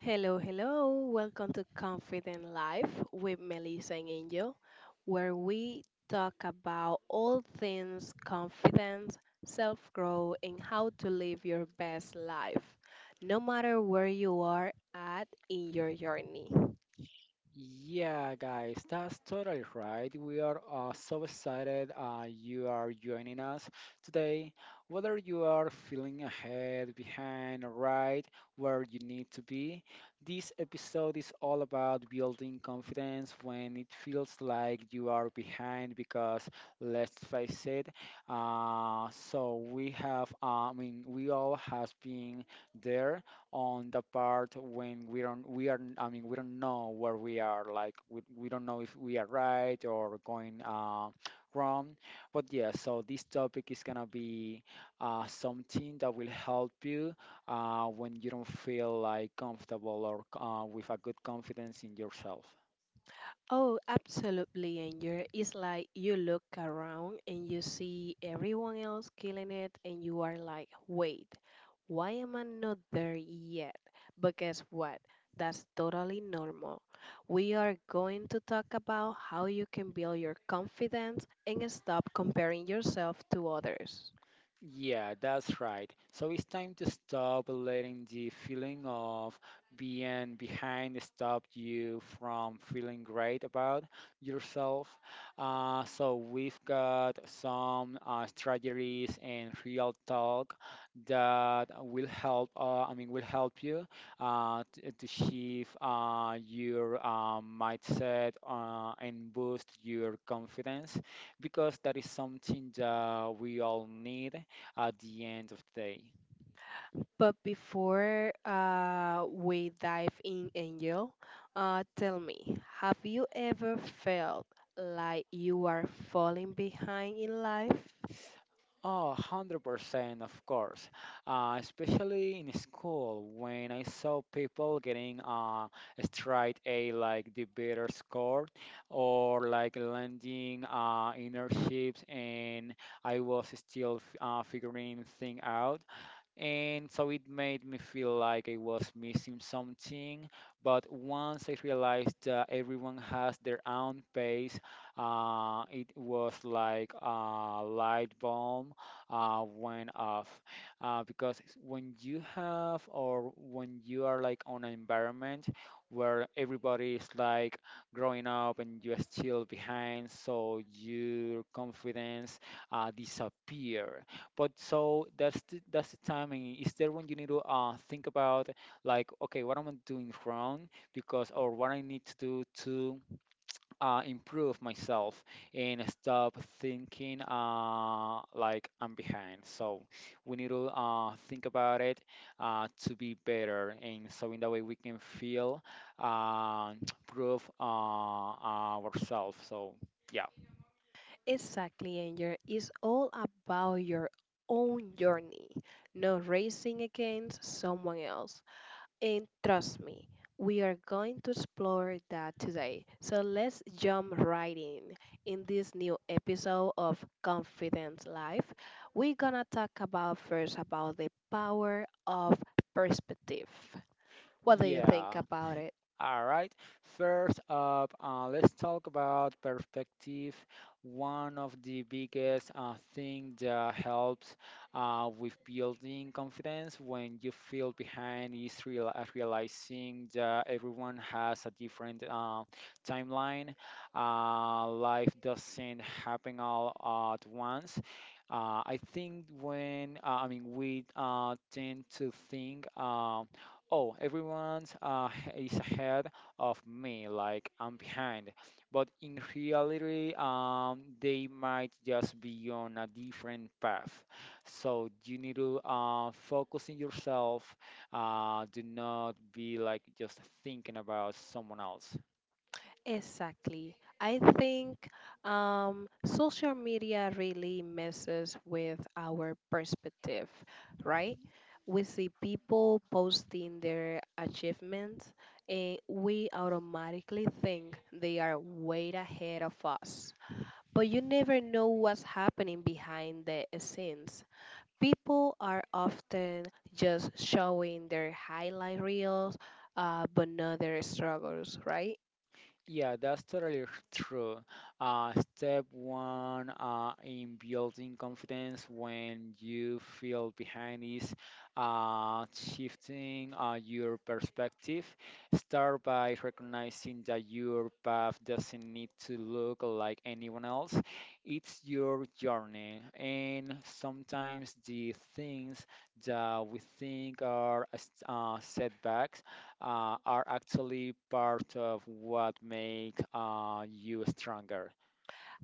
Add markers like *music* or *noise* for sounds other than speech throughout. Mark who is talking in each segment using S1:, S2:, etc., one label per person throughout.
S1: Hello, hello. Welcome to Confident Life with Melissa and Angel, where we talk about all things confidence, self growth, and how to live your best life, no matter where you are at in your journey.
S2: Yeah, guys, that's totally right. We are so excited you are joining us today. Whether you are feeling ahead, behind, or right where you need to be, this episode is all about building confidence when it feels like you are behind. Because let's face it, I mean, we all have been there on the part when we don't we are I mean we don't know where we are like we don't know if we are right or going wrong. But yeah, so this topic is gonna be something that will help you when you don't feel like comfortable or with a good confidence in yourself.
S1: Oh, absolutely, Anger. It's like you look around and you see everyone else killing it, and you are like, wait, why am I not there yet? But guess what? That's totally normal. We are going to talk about how you can build your confidence and stop comparing yourself to others.
S2: Yeah, that's right. So it's time to stop letting the feeling of being behind stop you from feeling great about yourself. So we've got some strategies and real talk that will help. Will help you to shift your mindset and boost your confidence, because that is something that we all need at the end of the day.
S1: But before we dive in, Angel, tell me, have you ever felt like you are falling behind in life?
S2: Oh, 100%, of course. Especially in school, when I saw people getting a straight A, like the better score, or like landing internships, and I was still figuring thing out. And so it made me feel like I was missing something. But once I realized that everyone has their own pace, it was like a light bulb went off. Because when you have or when you are like on an environment where everybody is like growing up and you're still behind, so your confidence disappear, but so that's the timing. Is there when you need to think about, like, okay, what am I doing wrong? Because or what I need to do to improve myself and stop thinking like I'm behind. So we need to think about it to be better, and so in that way we can feel uh, *tsk* prove ourselves. So yeah.
S1: Exactly, Angel. It's all about your own journey, not racing against someone else. And trust me, we are going to explore that today. So let's jump right in. In this new episode of Confidence Life, we're gonna talk about first about the power of perspective. What do you
S2: Yeah.
S1: think about it?
S2: All right. First up, let's talk about perspective. One of the biggest thing that helps with building confidence when you feel behind is realizing that everyone has a different timeline. Life doesn't happen all at once. I think when I mean we tend to think, oh, everyone's *laughs* is ahead of me, like I'm behind. But in reality, they might just be on a different path. So you need to focus on yourself. Do not be like just thinking about someone else.
S1: Exactly. I think social media really messes with our perspective, right? We see people posting their achievements, and we automatically think they are way ahead of us. But you never know what's happening behind the scenes. People are often just showing their highlight reels, but not their struggles, right?
S2: Yeah, that's totally true. Step one in building confidence when you feel behind is shifting your perspective. Start by recognizing that your path doesn't need to look like anyone else. It's your journey, and sometimes the things that we think are setbacks are actually part of what make you stronger.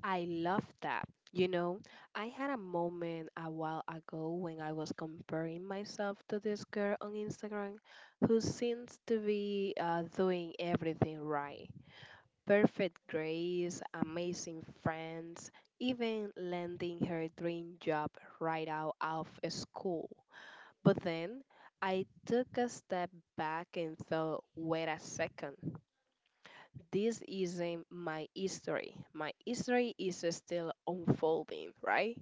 S1: I love that. You know, I had a moment a while ago when I was comparing myself to this girl on Instagram who seems to be doing everything right. Perfect grades, amazing friends, even landing her dream job right out of school. But then I took a step back and thought, wait a second, this isn't my history. My history is still unfolding, right?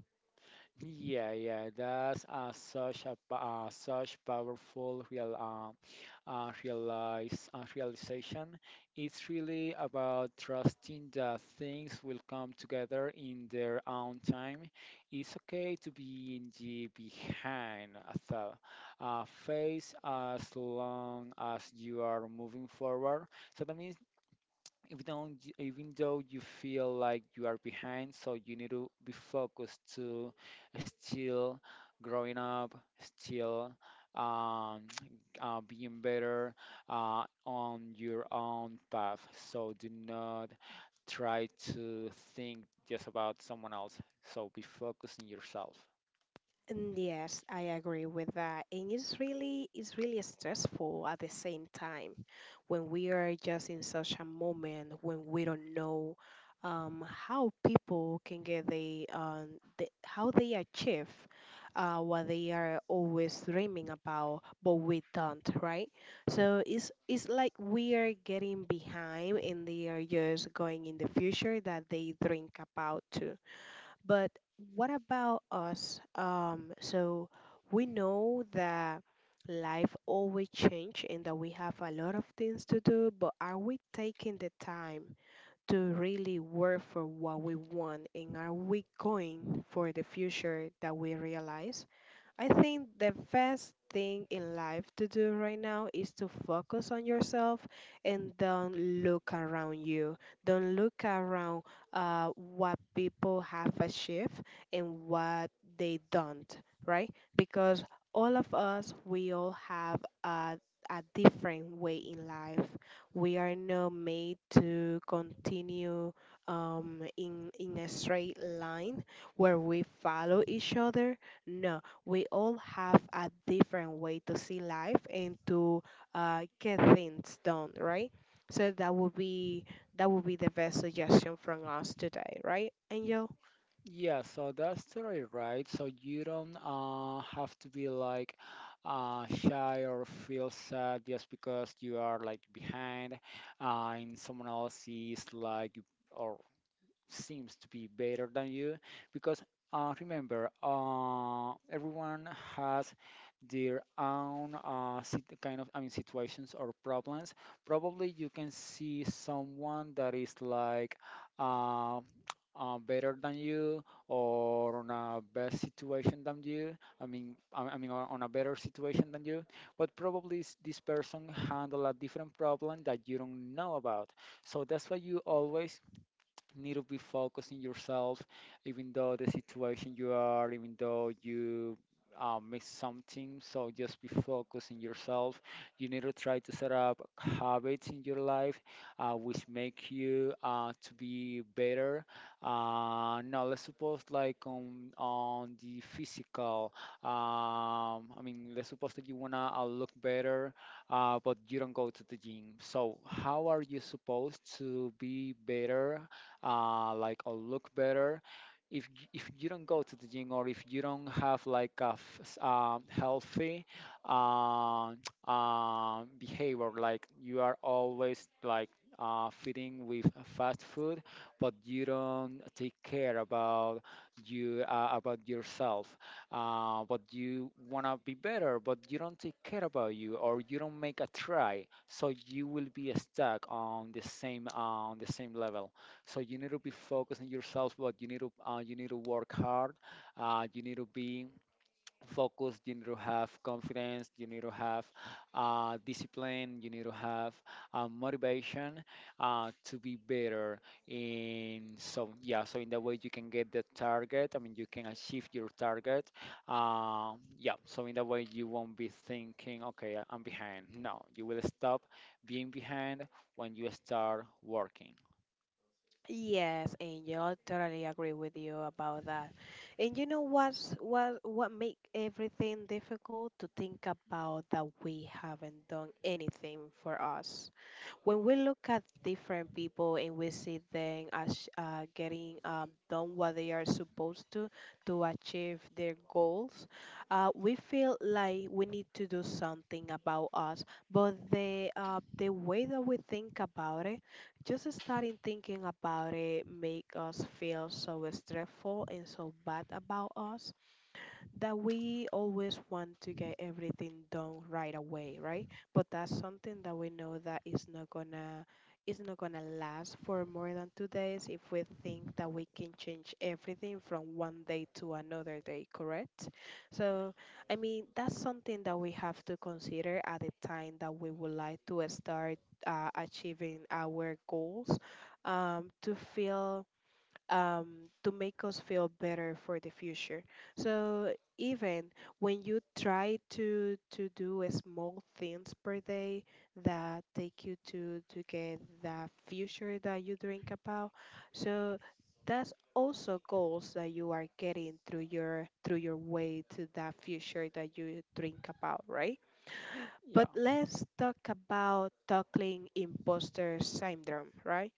S2: Yeah, yeah, that's such powerful realization. It's really about trusting that things will come together in their own time. It's okay to be in the behind as well. Face as long as you are moving forward. So that means even though you feel like you are behind, so you need to be focused to still growing up, still um, *tsk* being better on your own path. So do not try to think just about someone else. So be focused on yourself.
S1: Mm, yes, I agree with that. And it's really stressful at the same time when we are just in such a moment when we don't know how people can get the how they achieve what they are always dreaming about, but we don't, right? So it's like we are getting behind and they are just going in the future that they dream about too. But what about us? So we know that life always change and that we have a lot of things to do, but are we taking the time to really work for what we want, and are we going for the future that we realize? I think the best thing in life to do right now is to focus on yourself and don't look around you. Don't look around what people have achieved and what they don't, right? Because all of us, we all have a different way in life. We are not made to continue in a straight line where we follow each other. No, we all have a different way to see life and to get things done, right? So that would be the best suggestion from us today, right, Angel?
S2: Yeah, so that's totally right. So you don't have to be like shy or feel sad just because you are like behind in someone else's like, or seems to be better than you. Because remember, everyone has their own kind of I mean situations or problems. Probably you can see someone that is like uh, better than you or on a best situation than you. I mean I mean on a better situation than you, but probably this person handle a different problem that you don't know about. So that's why you always need to be focusing yourself, even though the situation you are, even though you miss something. So just be focusing yourself. You need to try to set up habits in your life which make you to be better. Now let's suppose like on the physical. I mean, let's suppose that you wanna look better but you don't go to the gym. So, how are you supposed to be better like or look better. If if you don't go to the gym or if you don't have like a healthy uh, *tsk* behavior, like you are always like feeding with fast food, but you don't take care about you about yourself. But you wanna be better, but you don't take care about you, or you don't make a try, so you will be stuck on the same level. So you need to be focused on yourself, but you need to work hard. You need to be focused. You need to have confidence. You need to have discipline. You need to have motivation to be better. In so yeah, so in that way you can get the target. I mean, you can achieve your target. Uh, yeah, so in that way you won't be thinking, okay, I'm behind. No, you will stop being behind when you start working.
S1: Yes, Angel, totally agree with you about that. And you know what make everything difficult to think about that we haven't done anything for us when we look at different people and we see them as getting done what they are supposed to achieve their goals, we feel like we need to do something about us. But the way that we think about it, just starting thinking about it, make us feel so stressful and so bad about us that we always want to get everything done right away, right? But that's something that we know that is not gonna last for more than two days if we think that we can change everything from one day to another day, correct? So I mean that's something that we have to consider at the time that we would like to start achieving our goals um, to feel um, to make us feel better for the future. So even when you try to do a small things per day that take you to get the future that you dream about, so that's also goals that you are getting through your way to that future that you dream about, right?
S2: Yeah.
S1: But let's talk about tackling imposter syndrome, right?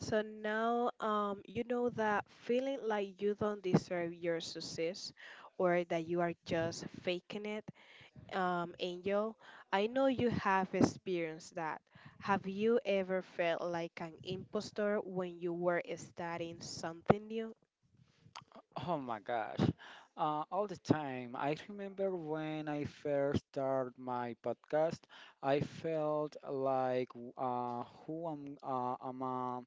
S1: So now you know that feeling like you don't deserve your success or that you are just faking it, Angel. I know you have experienced that. Have you ever felt like an impostor when you were studying something new?
S2: Oh my gosh. All the time. I remember when I first started my podcast, I felt like, who am I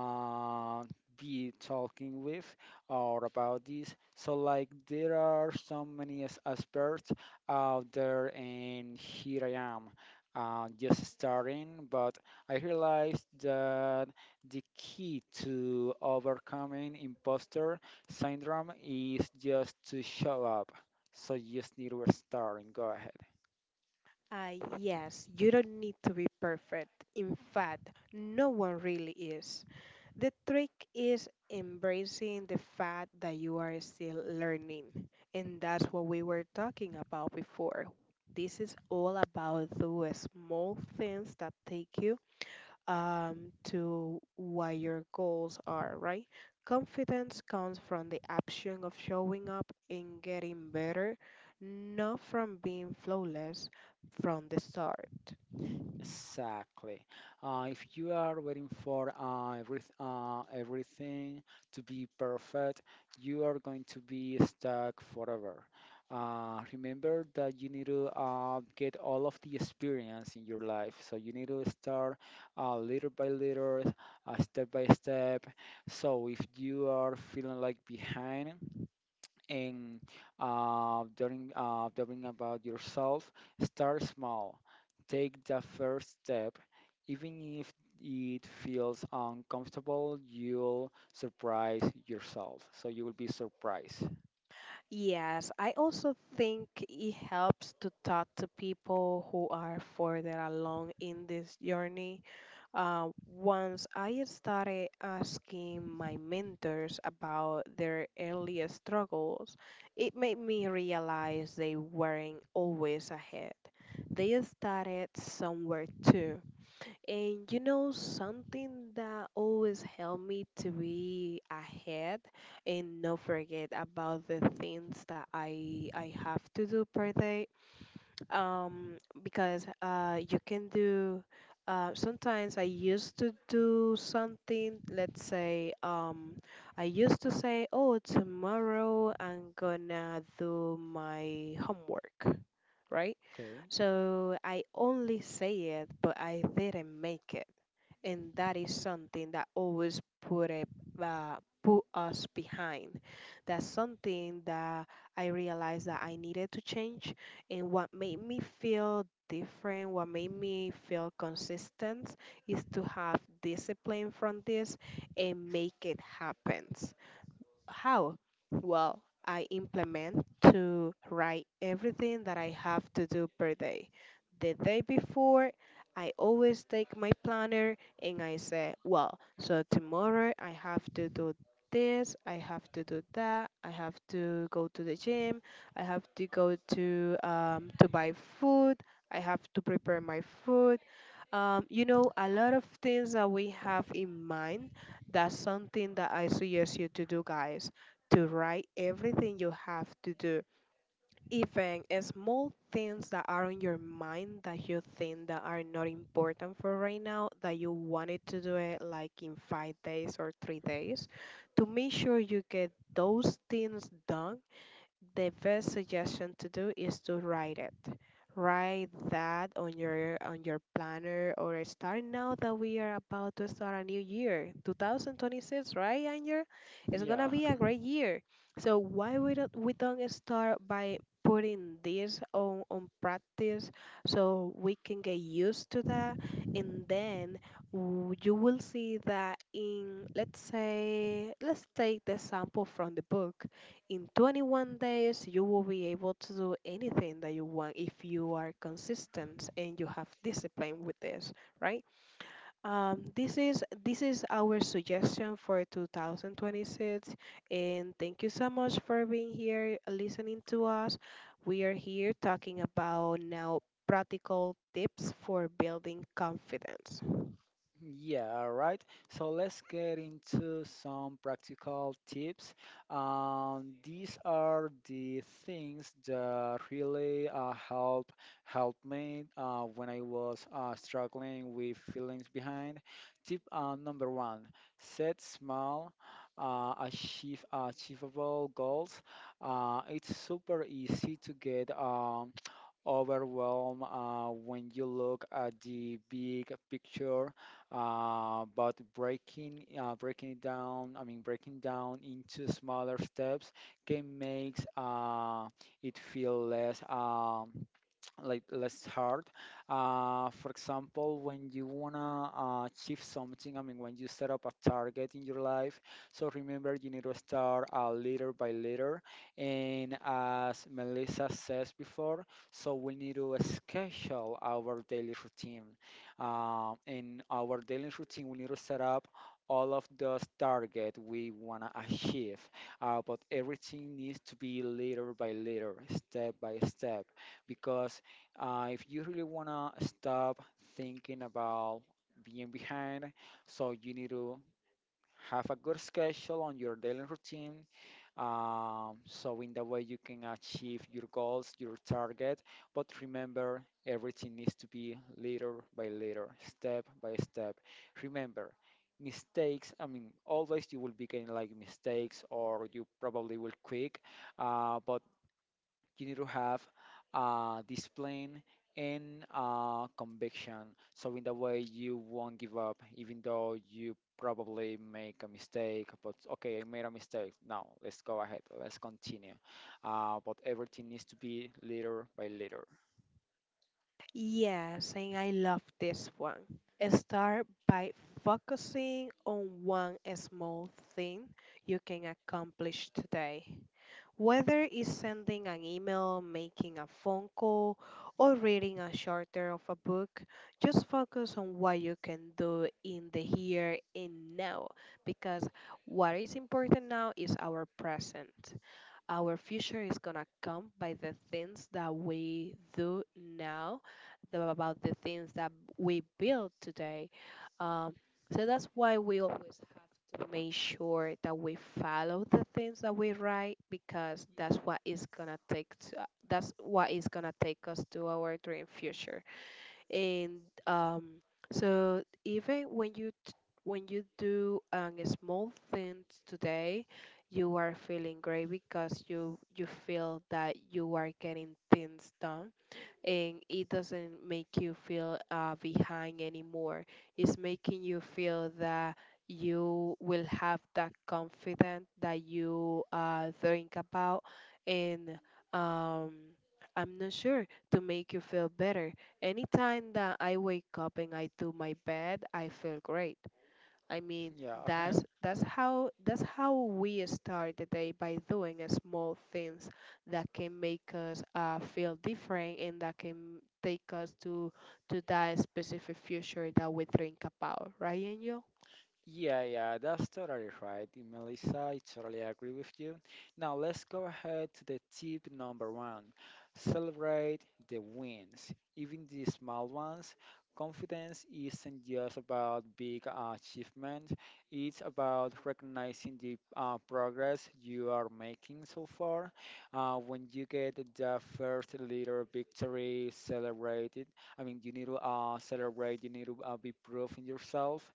S2: uh, be talking with or about this. So like there are so many experts out there, and here I am. Just starting, but I realized that the key to overcoming imposter Syndrome is just to show up, so you just need to restart and go ahead.
S1: Yes, you don't need to be perfect. In fact, no one really is. The trick is embracing the fact that you are still learning. And that's what we were talking about before. This is all about those small things that take you to what your goals are, right? Confidence comes from the action of showing up and getting better, not from being flawless from the start.
S2: Exactly. If you are waiting for everything to be perfect, you are going to be stuck forever. Remember that you need to get all of the experience in your life. So you need to start little by little, step by step. So if you are feeling like behind, and during about yourself, start small, take the first step, even if it feels uncomfortable, you'll surprise yourself, so you will be surprised.
S1: Yes, I also think it helps to talk to people who are further along in this journey. Once I started asking my mentors about their earlier struggles, it made me realize they weren't always ahead. They started somewhere too. And you know, something that always helped me to be ahead and not forget about the things that I have to do per day. Because you can do. Sometimes I used to do something. Let's say I used to say, "Oh, tomorrow I'm gonna do my homework," right?
S2: Okay,
S1: So I only say it, but I didn't make it, and that is something that always put a uh, put us behind. That's something that I realized that I needed to change, and what made me feel different, what made me feel consistent, is to have discipline from this and make it happen. How? Well, I implement to write everything that I have to do per day. The day before, I always take my planner and I say, well, so tomorrow I have to do this, I have to do that, I have to go to the gym, I have to go to buy food, I have to prepare my food. You know, a lot of things that we have in mind, that's something that I suggest you to do, guys, to write everything you have to do, even small things that are on your mind that you think that are not important for right now, that you wanted to do it like in five days or three days, to make sure you get those things done. The best suggestion to do is to write it. Write that on your planner, or starting now that we are about to start a new year, 2026, right, Angel? It's gonna
S2: yeah.
S1: be a great year. So why we don't start by putting this on practice so we can get used to that, and then you will see that in, let's say, let's take the sample from the book, in 21 days, you will be able to do anything that you want if you are consistent and you have discipline with this, right? This is our suggestion for 2026, and thank you so much for being here, listening to us. We are here talking about now practical tips for building confidence.
S2: Yeah, all right. So let's get into some practical tips. These are the things that really help me when I was struggling with feelings behind. Tip number one: set small, achieve achievable goals. It's super easy to get. Overwhelmed when you look at the big picture, but breaking it down, I mean breaking down into smaller steps can make it feel less less hard. For example, when you wanna achieve something, I mean, when you set up a target in your life, so remember you need to start little by little. And as Melissa says before, so we need to schedule our daily routine. In our daily routine, we need to set up all of those target we want to achieve. But everything needs to be little by little, step by step, because if you really want to stop thinking about being behind, so you need to have a good schedule on your daily routine, so in that way you can achieve your goals, your target. But remember, everything needs to be little by little, step by step. Remember, mistakes. I mean, always you will be getting like mistakes, or you probably will quick. But you need to have discipline and conviction. So, in that way, you won't give up, even though you probably make a mistake. But okay, I made a mistake. Now, let's go ahead. Let's continue. But everything needs to be little by little.
S1: Yes, and I love this one. Start by focusing on one small thing you can accomplish today. Whether it's sending an email, making a phone call, or reading a chapter of a book, just focus on what you can do in the here and now, because what is important now is our present. Our future is gonna come by the things that we do now, about the things that we build today. Um, so that's why we always have to make sure that we follow the things that we write, because that's what is gonna take to, that's what is gonna take us to our dream future, and so even when when you do small things today, you are feeling great because you feel that you are getting things done, and it doesn't make you feel behind anymore. It's making you feel that you will have that confidence that you think about, and um, I'm not sure to make you feel better. Anytime that I wake up and I do my bed, I feel great. I mean,
S2: *laughs* Yeah.
S1: that's how we start the day by doing a small things that can make us feel different and that can take us to that specific future that we think about, right, Angel?
S2: Yeah, yeah, that's totally right, Melissa. I totally agree with you. Now, let's go ahead to the tip number one. Celebrate the wins, even the small ones. Confidence isn't just about big achievement, it's about recognizing the progress you are making so far. When you get the first little victory, celebrate it. I mean, you need to celebrate, you need to be proud in yourself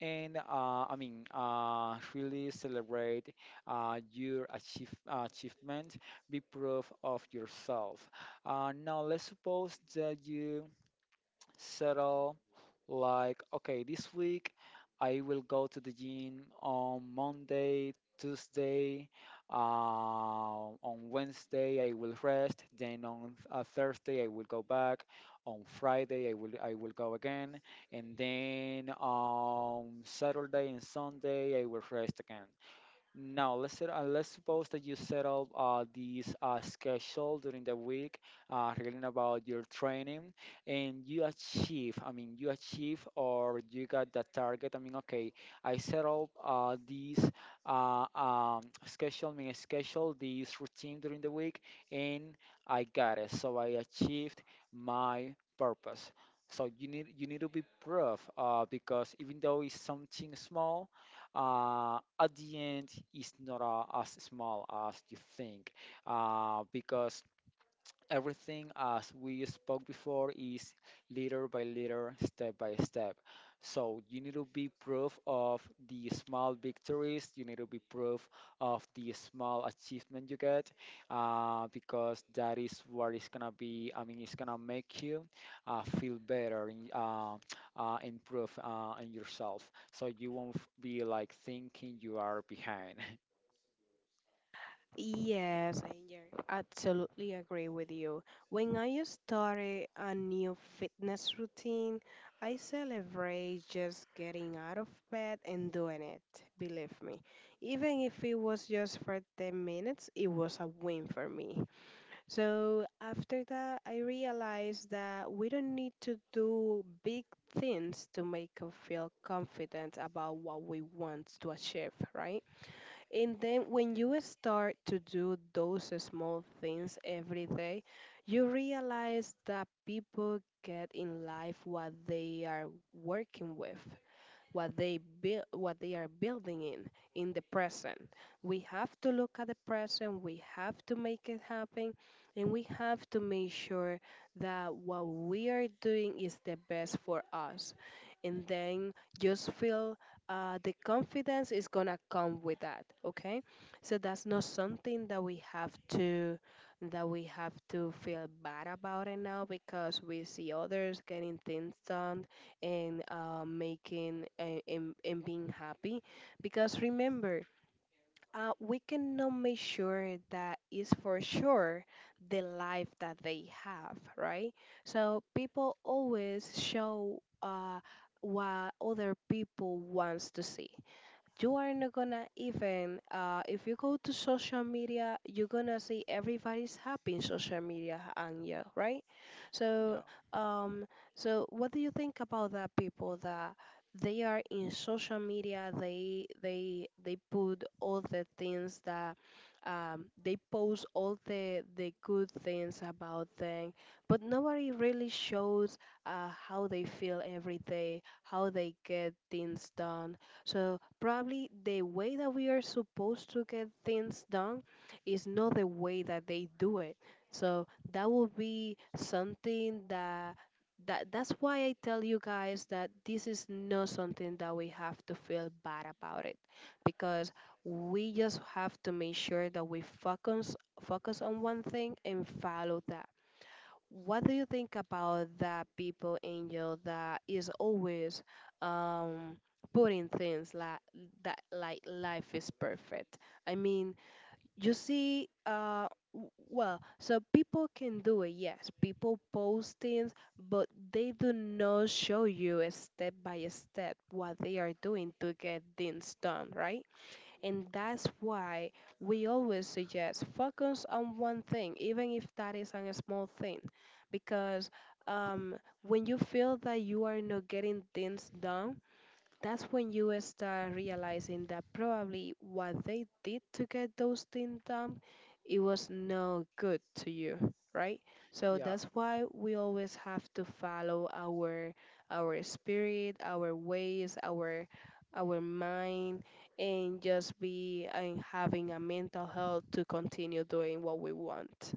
S2: and really celebrate your achievement. Be proud of yourself. Now let's suppose that you settle like, okay, this week I will go to the gym on Monday, Tuesday, on Wednesday I will rest, then on Thursday I will go back, on Friday I will go again, and then on Saturday and Sunday I will rest again. Now, let's suppose that you set up this schedule during the week, regarding about your training, and you achieve, I mean you achieve or you got that target. I mean, okay, I set up this schedule, schedule this routine during the week, and I got it, so I achieved my purpose. So you need to be proof, because even though it's something small, at the end it's not as small as you think, because everything, as we spoke before, is little by little, step by step. So you need to be proof of the small victories. You need to be proof of the small achievement you get, because that is what is gonna be. I mean, it's gonna make you feel better, improve in yourself. So you won't be like thinking you are behind.
S1: Yes, Angel, absolutely agree with you. When I started a new fitness routine, I celebrate just getting out of bed and doing it, believe me. Even if it was just for 10 minutes, it was a win for me. So after that, I realized that we don't need to do big things to make us feel confident about what we want to achieve, right? And then when you start to do those small things every day, you realize that people get in life what they are working with, what they build, what they are building in the present. We have to look at the present, we have to make it happen, and we have to make sure that what we are doing is the best for us, and then just feel, the confidence is gonna come with that, okay? So that's not something that we have to, feel bad about it now because we see others getting things done and making and being happy. Because remember, we cannot make sure that is for sure the life that they have, right? So people always show, what other people wants to see. You are not gonna even, if you go to social media, you're gonna see everybody's happy in social media, and yeah, right?
S2: *laughs*
S1: So
S2: Yeah,
S1: um so what do you think about that people that they are in social media, they put all the things that, they post all the good things about them, but nobody really shows how they feel every day, how they get things done. So probably the way that we are supposed to get things done is not the way that they do it. So that would be something that, that's why I tell you guys that this is not something that we have to feel bad about it. Because we just have to make sure that we focus on one thing and follow that. What do you think about that people, Angel, that is always um putting things like that, like life is perfect? I mean, you see well, so people can do it, yes. People post things, but they do not show you a step by step what they are doing to get things done, right? And that's why we always suggest focus on one thing, even if that is on a small thing. Because um, when you feel that you are not getting things done, that's when you start realizing that probably what they did to get those things done, it was no good to you, right? So
S2: yeah.
S1: that's why we always have to follow our, spirit, our ways, our, mind, and just be and having a mental health to continue doing what we want.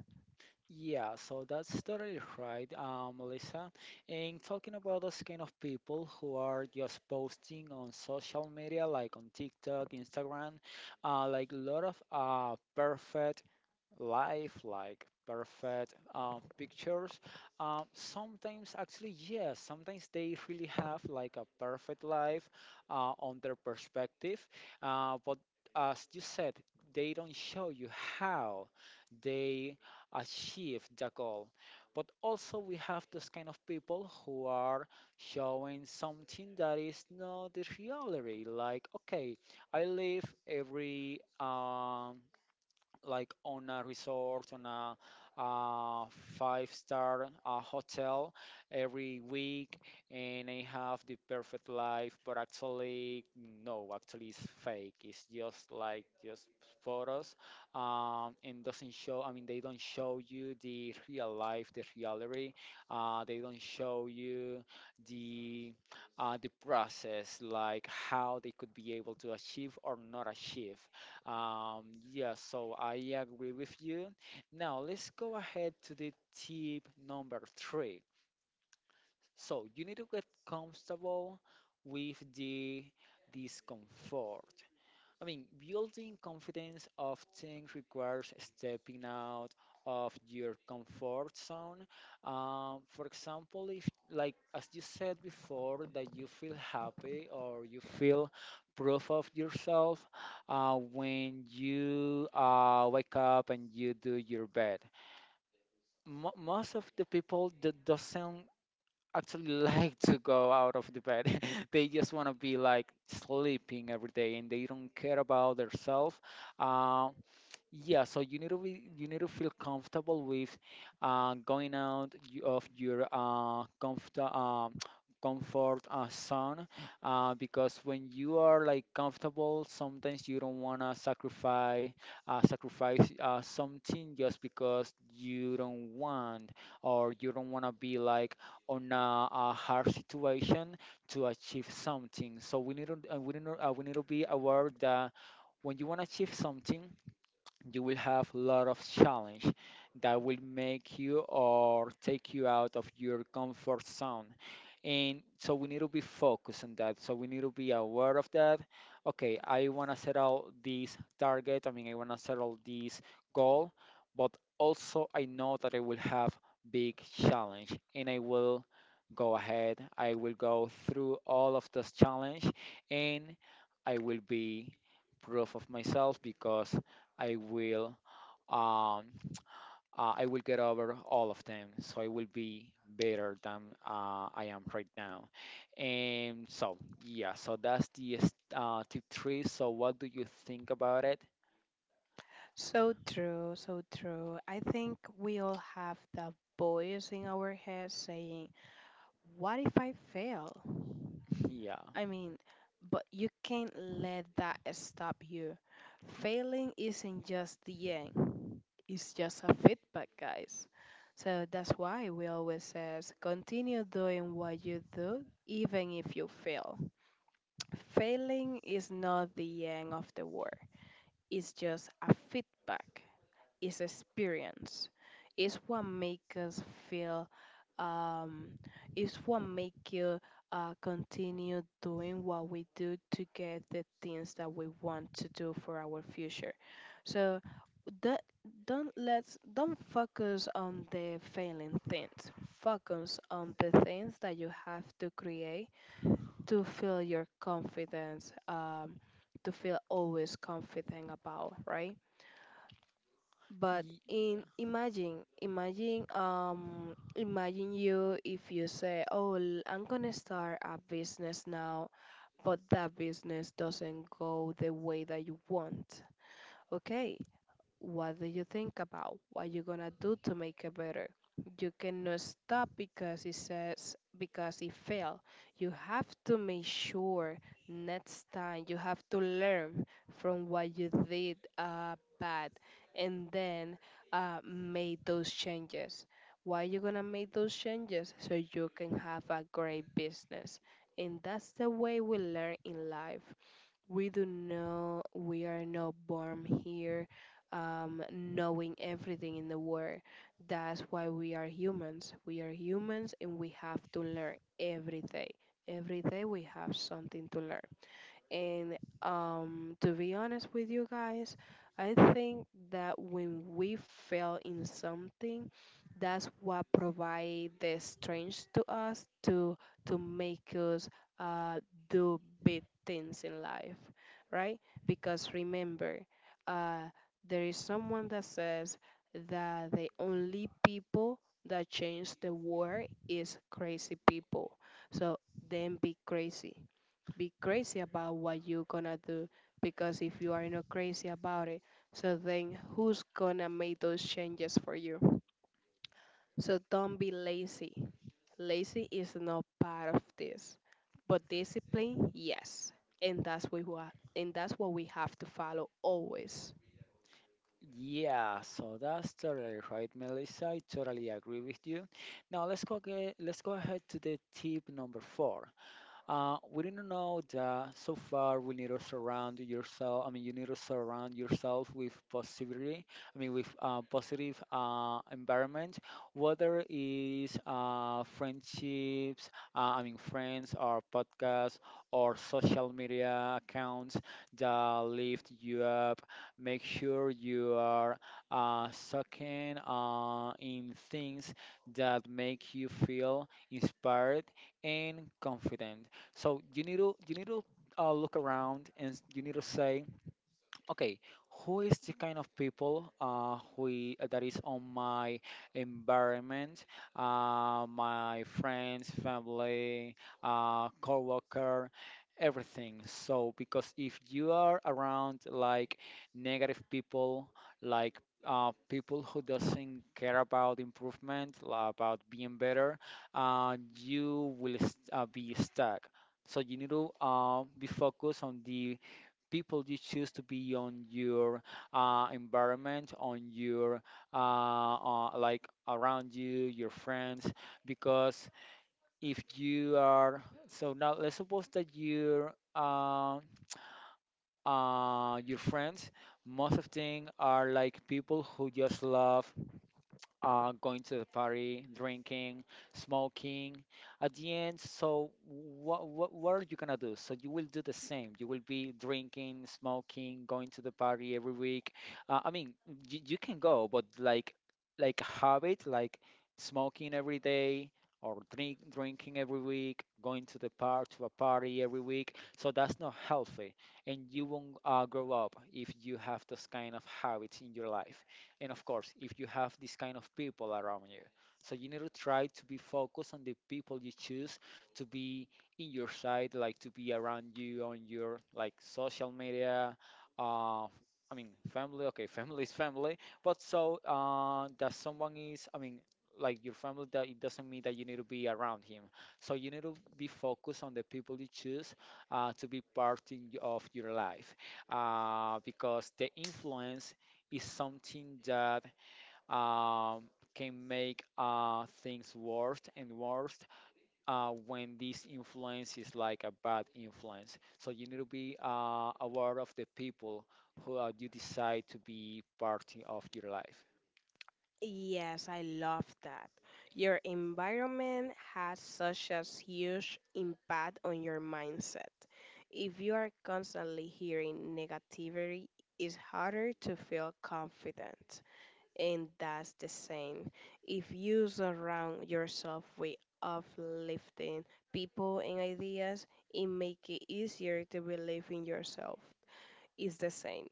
S2: Yeah, so that's totally right, Melissa. And talking about those kind of people who are just posting on social media, like on TikTok, Instagram, like a lot of perfect lifelike perfect pictures, sometimes, actually, yes, sometimes they really have like a perfect life on their perspective, but as you said, they don't show you how they achieve the goal. But also we have this kind of people who are showing something that is not the reality. Like, okay, I live every like on a resort, on a, uh five-star hotel every week, and I have the perfect life. But actually, no, actually it's fake. It's just like just photos, and doesn't show. I mean, they don't show you the real life, the reality. They don't show you the the process, like how they could be able to achieve or not achieve. Um, yeah, so I agree with you. Now let's go ahead to the tip number three. So you need to get comfortable with the discomfort. I mean, building confidence often requires stepping out of your comfort zone. For example, if, like, as you said before, that you feel happy or you feel proof of yourself when you wake up and you do your bed. Mo Most of the people that doesn't actually *laughs* like to go out of the bed. *laughs* They just want to be like sleeping every day and they don't care about themselves. Yeah, so you need to feel comfortable with going out of your comfort *tsk* comfort zone, because when you are like comfortable, sometimes you don't wanna sacrifice, something just because you don't want, or you don't wanna be like on a hard situation to achieve something. So we need to, we need to be aware that when you wanna achieve something you will have a lot of challenge that will make you or take you out of your comfort zone. And so we need to be focused on that, so we need to be aware of that. Okay, I want to settle this target. I mean, I want to settle this goal, but also I know that I will have big challenge, and I will go ahead, I will go through all of this challenge, and I will be proof of myself because I will um, *tsk* I will get over all of them. So I will be better than I am right now. And so, yeah, so that's the tip three. So what do you think about it?
S1: So true, so true. I think we all have that voice in our head saying, what if I fail?
S2: *laughs* Yeah.
S1: I mean, but you can't let that stop you. Failing isn't just the end, it's just a feedback, guys. So that's why we always says continue doing what you do even if you fail. Failing is not the end of the world. It's just a feedback, is experience. It's what makes us feel. Um, it's what make you continue doing what we do to get the things that we want to do for our future. So that, don't let's don't focus on the failing things. Focus on the things that you have to create to feel your confidence. To feel always confident about, right? But
S2: Y-
S1: in imagine, imagine you, if you say, "Oh, I'm gonna start a business now," but that business doesn't go the way that you want. Okay, what do you think about what you're gonna do to make it better? You cannot stop because it says, because it failed. You have to make sure next time you have to learn from what you did bad, and then make those changes. Why you gonna make those changes? So you can have a great business. And that's the way we learn in life. We do know we are not born here knowing everything in the world. That's why we are humans. We are humans and we have to learn every day. Every day we have something to learn. And to be honest with you guys, I think that when we fail in something, that's what provide the strength to us to, make us uh, do big things in life, right? Because remember, uh, there is someone that says that the only people that change the world is crazy people. So then be crazy, about what you're gonna do, because if you are not crazy about it, so then who's gonna make those changes for you? So don't be lazy. Lazy is not part of this, but discipline, yes, and that's what and that's what we have to follow always.
S2: Yeah, so that's totally right, Melissa. I totally agree with you. Now let's go ahead to the tip number four. We didn't know that so far we need to surround yourself. I mean, you need to surround yourself with positivity. I mean, with positive environment, whether is friendships, friends, or podcasts, or social media accounts that lift you up. Make sure you are sucking in things that make you feel inspired and confident. So you need to look around and you need to say, okay, who is the kind of people that is on my environment, my friends, family, co everything. So because if you are around like negative people, like, people who doesn't care about improvement, about being better, you will be stuck. So you need to be focused on the people you choose to be on your environment, on your like around you, your friends. Because if you are now, let's suppose that your friends, most of them are like people who just love going to the party, drinking, smoking. At the end, so what are you gonna do? So you will do the same. You will be drinking, smoking, going to the party every week. I mean, you can go, but like a habit, like smoking every day, or drinking every week, going to the par to a party every week. So that's not healthy, and you won't grow up if you have those kind of habits in your life and of course if you have this kind of people around you. So you need to try to be focused on the people you choose to be in your side, like to be around you, on your like social media, uh I mean family. Okay, *laughs* family is family, but so that someone is, I mean, like your family, that it doesn't mean that you need to be around him. So you need to be focused on the people you choose to be part of your life, because the influence is something that um, can make things worse and worse when this influence is like a bad influence. So you need to be aware of the people who you decide to be part of your life.
S1: Yes, I love that. Your environment has such a huge impact on your mindset. If you are constantly hearing negativity, it's harder to feel confident. And that's the same. If you surround yourself with uplifting people and ideas, it makes it easier to believe in yourself. It's the same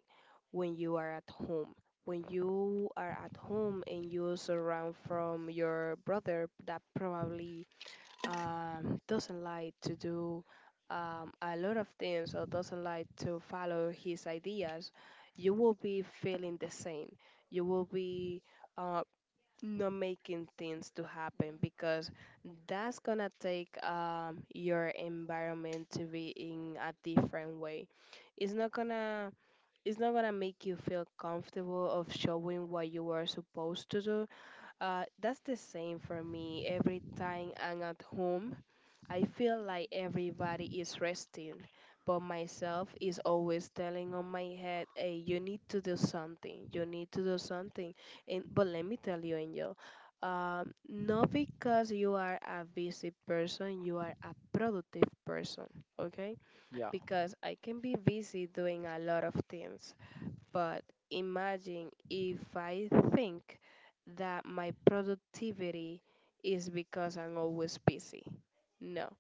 S1: when you are at home. When you are at home and you surround from your brother that probably doesn't like to do a lot of things or doesn't like to follow his ideas, you will be feeling the same. You will be uh, not making things to happen, because that's gonna take your environment to be in a different way. It's not gonna it's not gonna make you feel comfortable of showing what you are supposed to do. That's the same for me. Every time I'm at home, I feel like everybody is resting, but myself is always telling on my head, "Hey, you need to do something. You need to do something." And but let me tell you, Angel. Not because you are a busy person, you are a productive person, okay?
S2: Yeah.
S1: Because I can be busy doing a lot of things, but imagine if I think that my productivity is because I'm always busy. No,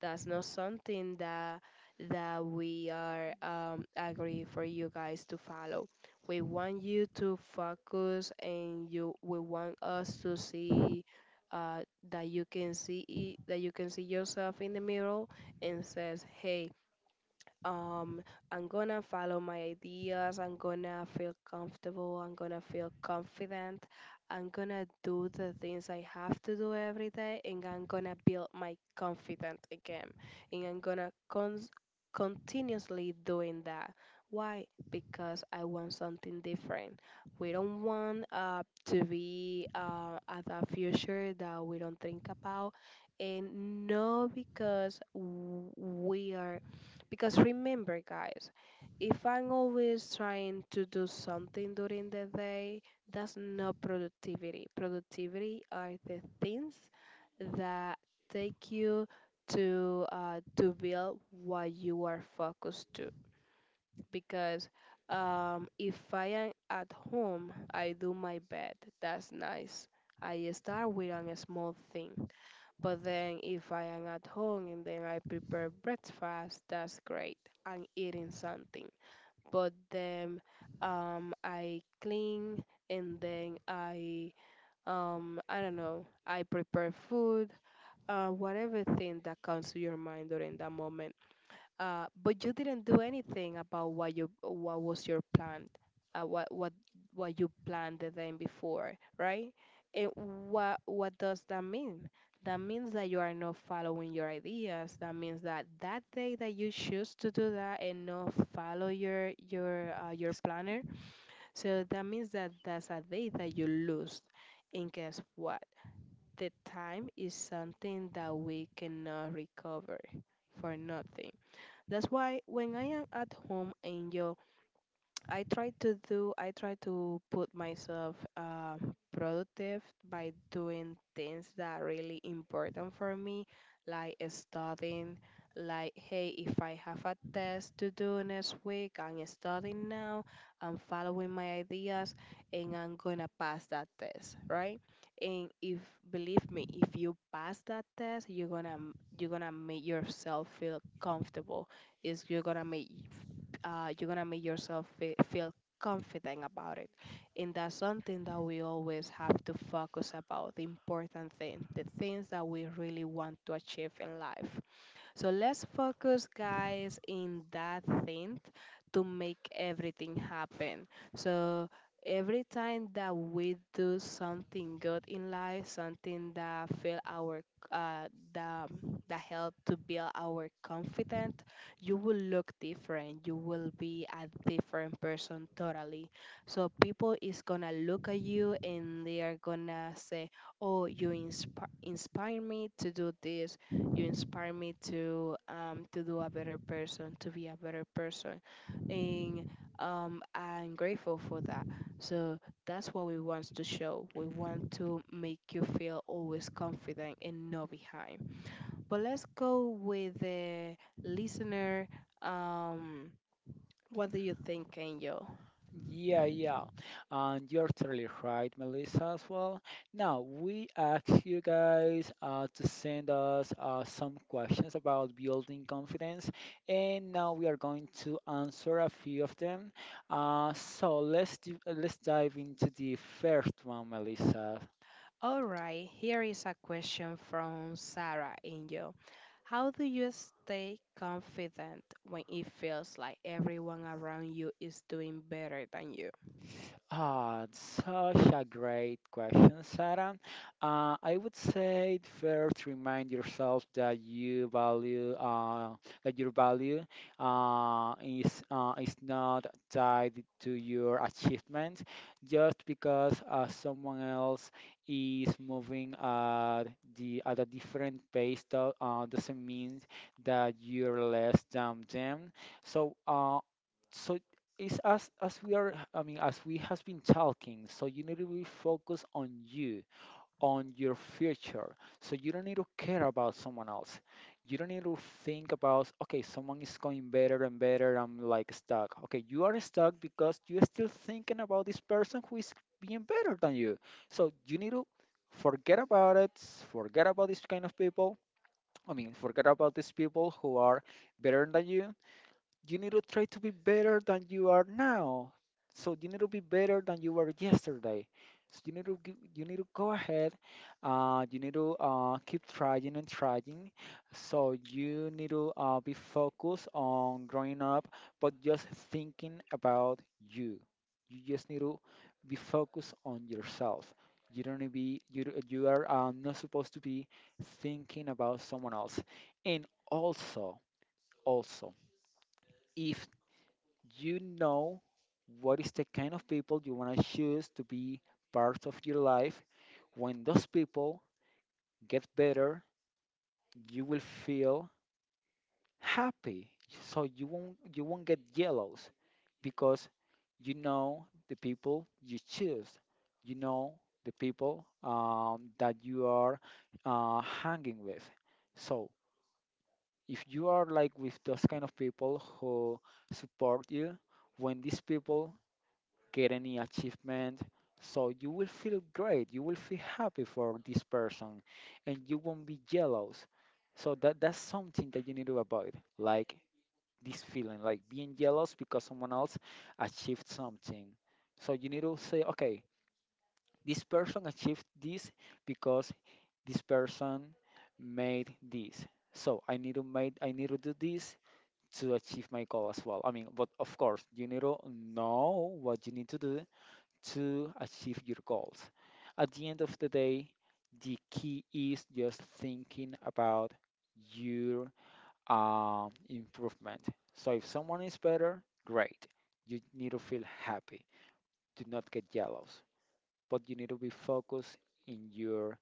S1: that's not something that, we are agree for you guys to follow. We want you to focus, and you we want us to see uh, that you can see it, that you can see yourself in the mirror and says, "Hey, um I'm gonna follow my ideas, I'm gonna feel comfortable, I'm gonna feel confident, I'm gonna do the things I have to do every day, and I'm gonna build my confidence again, and I'm gonna continuously doing that. Why? Because I want something different. We don't want to be at a future that we don't think about, and no, because we are, because remember, guys, if I'm always trying to do something during the day, that's not productivity. Productivity are the things that take you to, build what you are focused to. Because if I am at home, I do my bed. That's nice. I start with a small thing. But then if I am at home and then I prepare breakfast, that's great. I'm eating something. But then I clean, and then I don't know. I prepare food, whatever thing that comes to your mind during that moment, but you didn't do anything about what was your plan, what what you planned the day before, right? And what does that mean? That means that you are not following your ideas. That means that that day that you choose to do that and not follow your, your planner, so that means that that's a day that you lose. And guess what? The time is something that we cannot recover for nothing. That's why when I am at home, I enjoy, I try to put myself productive by doing things that are really important for me, like studying. Like, hey, if I have a test to do next week, I'm studying now. I'm following my ideas, and I'm gonna pass that test, right? And if believe me, if you pass that test, you're gonna, make yourself feel comfortable, is you're gonna make, you're gonna make yourself feel confident about it. And that's something that we always have to focus about the important thing, the things that we really want to achieve in life. So let's focus, guys, in that thing, to make everything happen. So every time that we do something good in life, something that fill our, uh, the the help to build our confidence, you will look different. You will be a different person totally. So people is gonna look at you and they are gonna say, "Oh, you inspire me to do this, you inspire me to do a better person, to be a better person, and I'm grateful for that." So that's what we want to show. We want to make you feel always confident and not behind. But let's go with the listener. Um, what do you think, Angel?
S2: Yeah, yeah. And you're totally right, Melissa, as well. Now, we ask you guys to send us some questions about building confidence, and now we are going to answer a few of them. Let's dive into the first one, Melissa.
S1: All right, here is a question from Sarah Angel. How do you stay confident when it feels like everyone around you is doing better than you?
S2: Ah, it's such a great question, Sarah. I would say it's fair to remind yourself that you value that your value is not tied to your achievement. Just because someone else is moving at the at a different pace doesn't mean that you're less than them. So, so it's, as we are, I mean, as we has been talking, so you need to be focused on you, on your future. So you don't need to care about someone else. You don't need to think about, okay, someone is going better and better, I'm like stuck. Okay, you are stuck because you're still thinking about this person who is being better than you. So you need to forget about it. Forget about this kind of people. I mean, forget about these people who are better than you. You need to try to be better than you are now. So you need to be better than you were yesterday. So you need to go ahead. You need to keep trying and trying. So you need to be focused on growing up, but just thinking about you. You just need to be focused on yourself. You don't need to you are not supposed to be thinking about someone else. And also, also, if you know what is the kind of people you want to choose to be part of your life. When those people get better, you will feel happy. So you won't get jealous because you know the people you choose. You know the people that you are hanging with. So if you are like with those kind of people who support you, when these people get any achievement. So you will feel great. You will feel happy for this person, and you won't be jealous. So that's something that you need to avoid, like this feeling, like being jealous because someone else achieved something. So you need to say, okay, this person achieved this because this person made this. So I need to do this to achieve my goal as well. I mean, but of course, you need to know what you need to do to achieve your goals. At the end of the day, the key is just thinking about your improvement. So if someone is better, great. You need to feel happy. Do not get jealous, but you need to be focused in your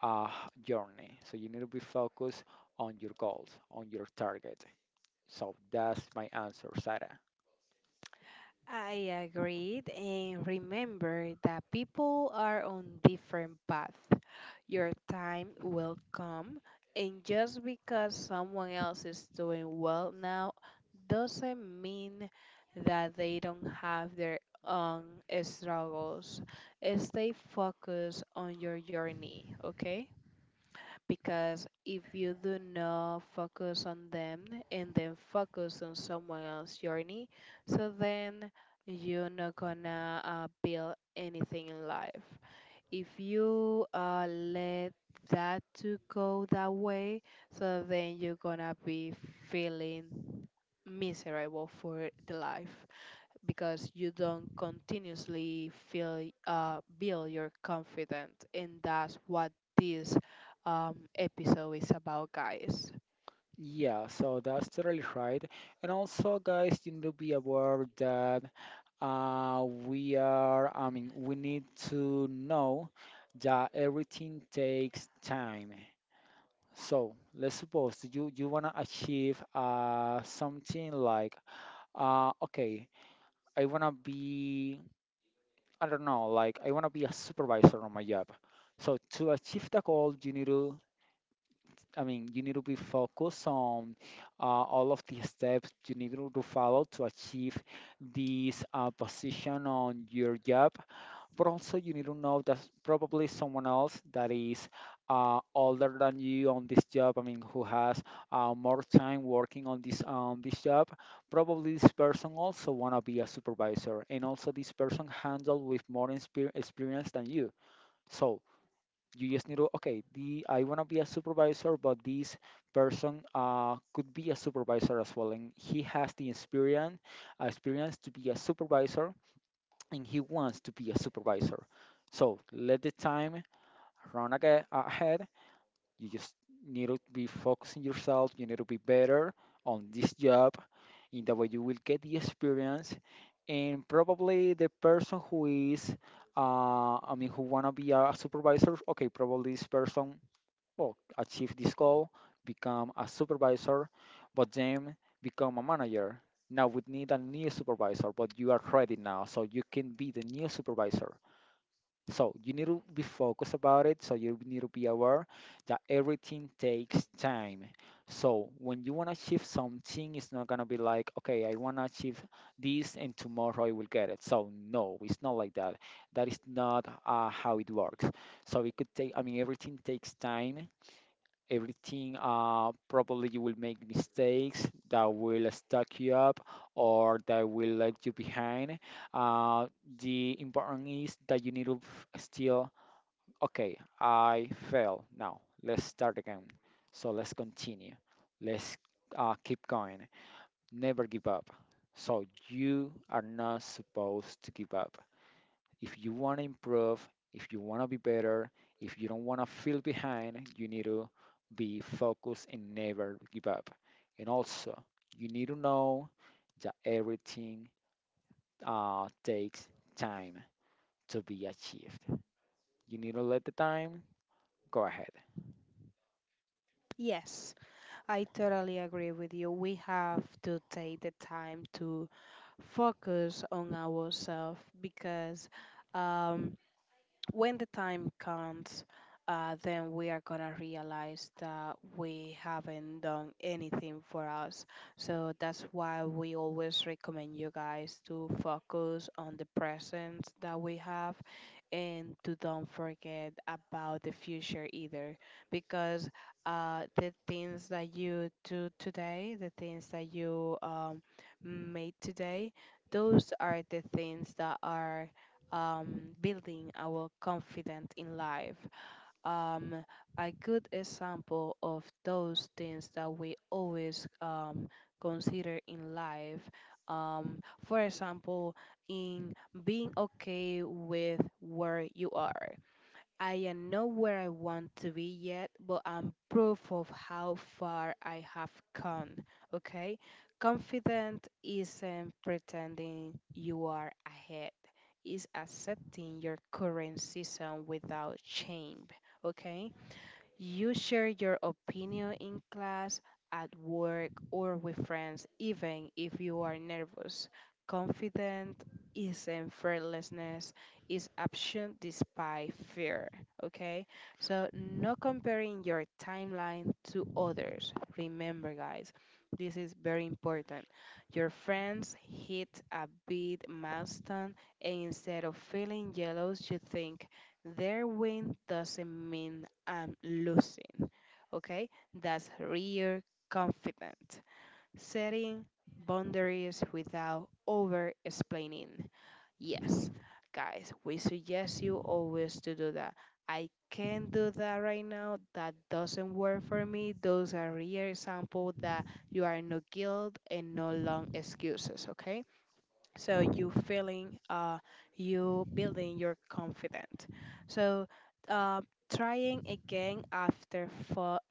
S2: uh, journey. So you need to be focused on your goals, on your target. So that's my answer, Sarah.
S1: I agreed, and remember that people are on different paths. Your time will come, and just because someone else is doing well now doesn't mean that they don't have their own struggles. Stay focused on your journey, okay? Because if you do not focus on them and then focus on someone else's journey, so then you're not gonna build anything in life. If you let that to go that way, so then you're gonna be feeling miserable for the life because you don't continuously feel build your confidence, and that's what this episode is about, guys.
S2: Yeah, so that's totally right. And also, guys, you need to be aware that we are, I mean, we need to know that everything takes time. So let's suppose that you wanna achieve something like okay, I wanna be I don't know, like I wanna be a supervisor on my job. So to achieve the goal, you need to I mean you need to be focused on all of the steps you need to follow to achieve this position on your job, but also you need to know that probably someone else that is older than you on this job, I mean who has more time working on this job. Probably this person also want to be a supervisor, and also this person handled with more experience than you. So you just need to, okay, the I want to be a supervisor, but this person could be a supervisor as well, and he has the experience, experience to be a supervisor, and he wants to be a supervisor. So let the time run aga ahead. You just need to be focusing yourself. You need to be better on this job. In that way, you will get the experience. And probably the person who is, I mean, who wanna be a supervisor. Okay, probably this person will achieve this goal, become a supervisor, but then become a manager. Now we need a new supervisor, but you are ready now, so you can be the new supervisor. So you need to be focused about it. So you need to be aware that everything takes time. So when you want to achieve something, it's not gonna be like, okay, I want to achieve this and tomorrow I will get it. So no, it's not like that. That is not how it works. So it could take. I mean, everything takes time. Everything, probably you will make mistakes that will stuck you up or that will let you behind. uh, the important is that you need to still, okay, I fail now, let's start again. So let's continue. Let's keep going, never give up. So you are not supposed to give up. If you want to improve, if you want to be better, if you don't want to feel behind, you need to be focused and never give up. And also, you need to know that everything takes time to be achieved. You need to let the time go ahead.
S1: Yes, I totally agree with you. We have to take the time to focus on ourselves because um, when the time comes, then we are gonna realize that we haven't done anything for us. So that's why we always recommend you guys to focus on the present that we have and to don't forget about the future either because the things that you do today, the things that you made today, those are the things that are building our confidence in life. um, a good example of those things that we always consider in life. For example, in being okay with where you are. I am not where I want to be yet, but I'm proof of how far I have come. Okay? Confident isn't pretending you are ahead, is accepting your current season without shame. Okay? You share your opinion in class, at work, or with friends, even if you are nervous. Confident isn't fearlessness, is action despite fear. Okay? So, not comparing your timeline to others. Remember, guys, this is very important. Your friends hit a big milestone, and instead of feeling jealous, you think their win doesn't mean I'm losing. Okay, that's real confident. Setting boundaries without over explaining. Yes, guys, we suggest you always to do that. I can't do that right now. That doesn't work for me. Those are real examples that you are no guilt and no long excuses. Okay, so you feeling you building your confidence, so uh, trying again after fa-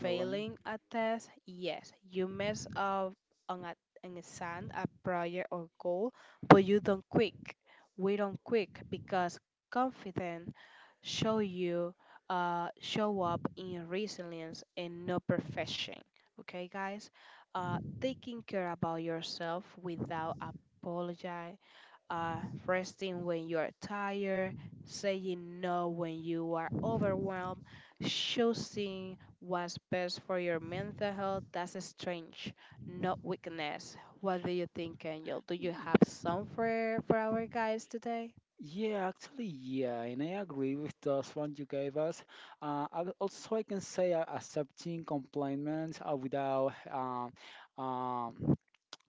S2: Fella.
S1: failing a test. Yes, you mess up on a an exam, a project or goal, but you don't quit. We don't quit because confidence show you show up in resilience and no perfection. Okay, guys, taking care about yourself without apologize, uh, resting when you are tired, saying no when you are overwhelmed, choosing what's best for your mental health. That's a strength, not weakness. What do you think, Angel? Do you have some for our guys today?
S2: Yeah, actually, yeah, and I agree with those one you gave us. I, also, I can say accepting compliments without um,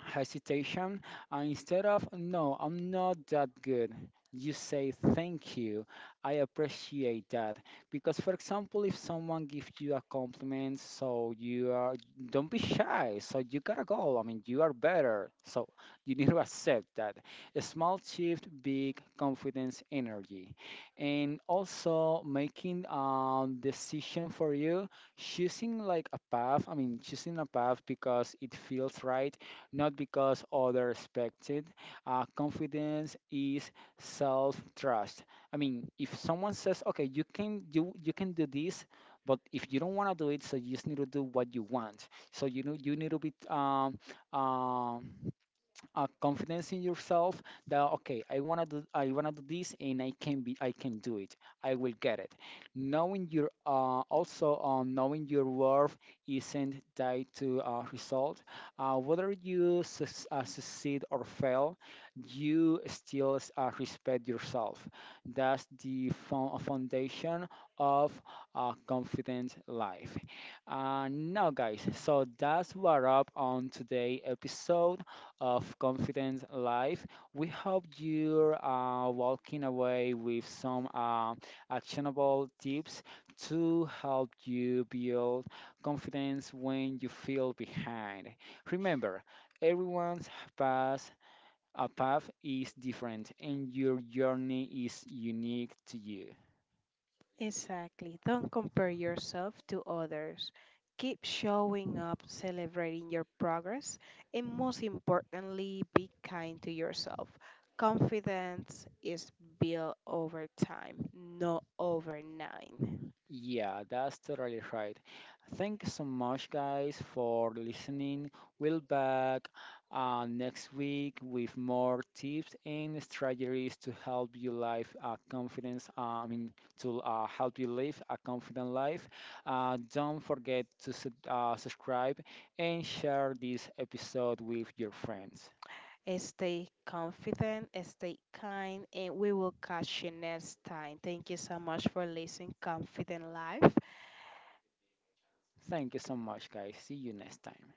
S2: hesitation. Instead of, no, I'm not that good, you say thank you, I appreciate that. Because, for example, if someone gives you a compliment, so you are, don't be shy, so you gotta go, I mean, you are better, so you need to accept that. A small shift, big confidence energy. And also making a decision for you, choosing like a path, I mean, choosing a path because it feels right, not because others expect it. Confidence is self-trust. I mean, if someone says, "Okay, you you can do this," but if you don't want to do it, so you just need to do what you want. So you know you need to be um, confidence in yourself, that okay, I want to do this and I can do it, I will get it. Knowing your also knowing your worth isn't tied to result. Whether you succeed or fail, you still respect yourself. That's the foundation of a confident life. And now, guys, so that's what up on today episode of Confident Life. We hope you're walking away with some actionable tips to help you build confidence when you feel behind. Remember, everyone's path a path is different and your journey is unique to you.
S1: Exactly. Don't compare yourself to others. Keep showing up, celebrating your progress, and most importantly, be kind to yourself. Confidence is built over time, not overnight.
S2: Yeah, that's totally right. Thank you so much, guys, for listening. We'll back next week with more tips and strategies to help you live a confidence. I mean, to help you live a confident life. Don't forget to subscribe and share this episode with your friends.
S1: Stay confident, stay kind, and we will catch you next time. Thank you so much for listening, Confident Life.
S2: Thank you so much, guys. See you next time.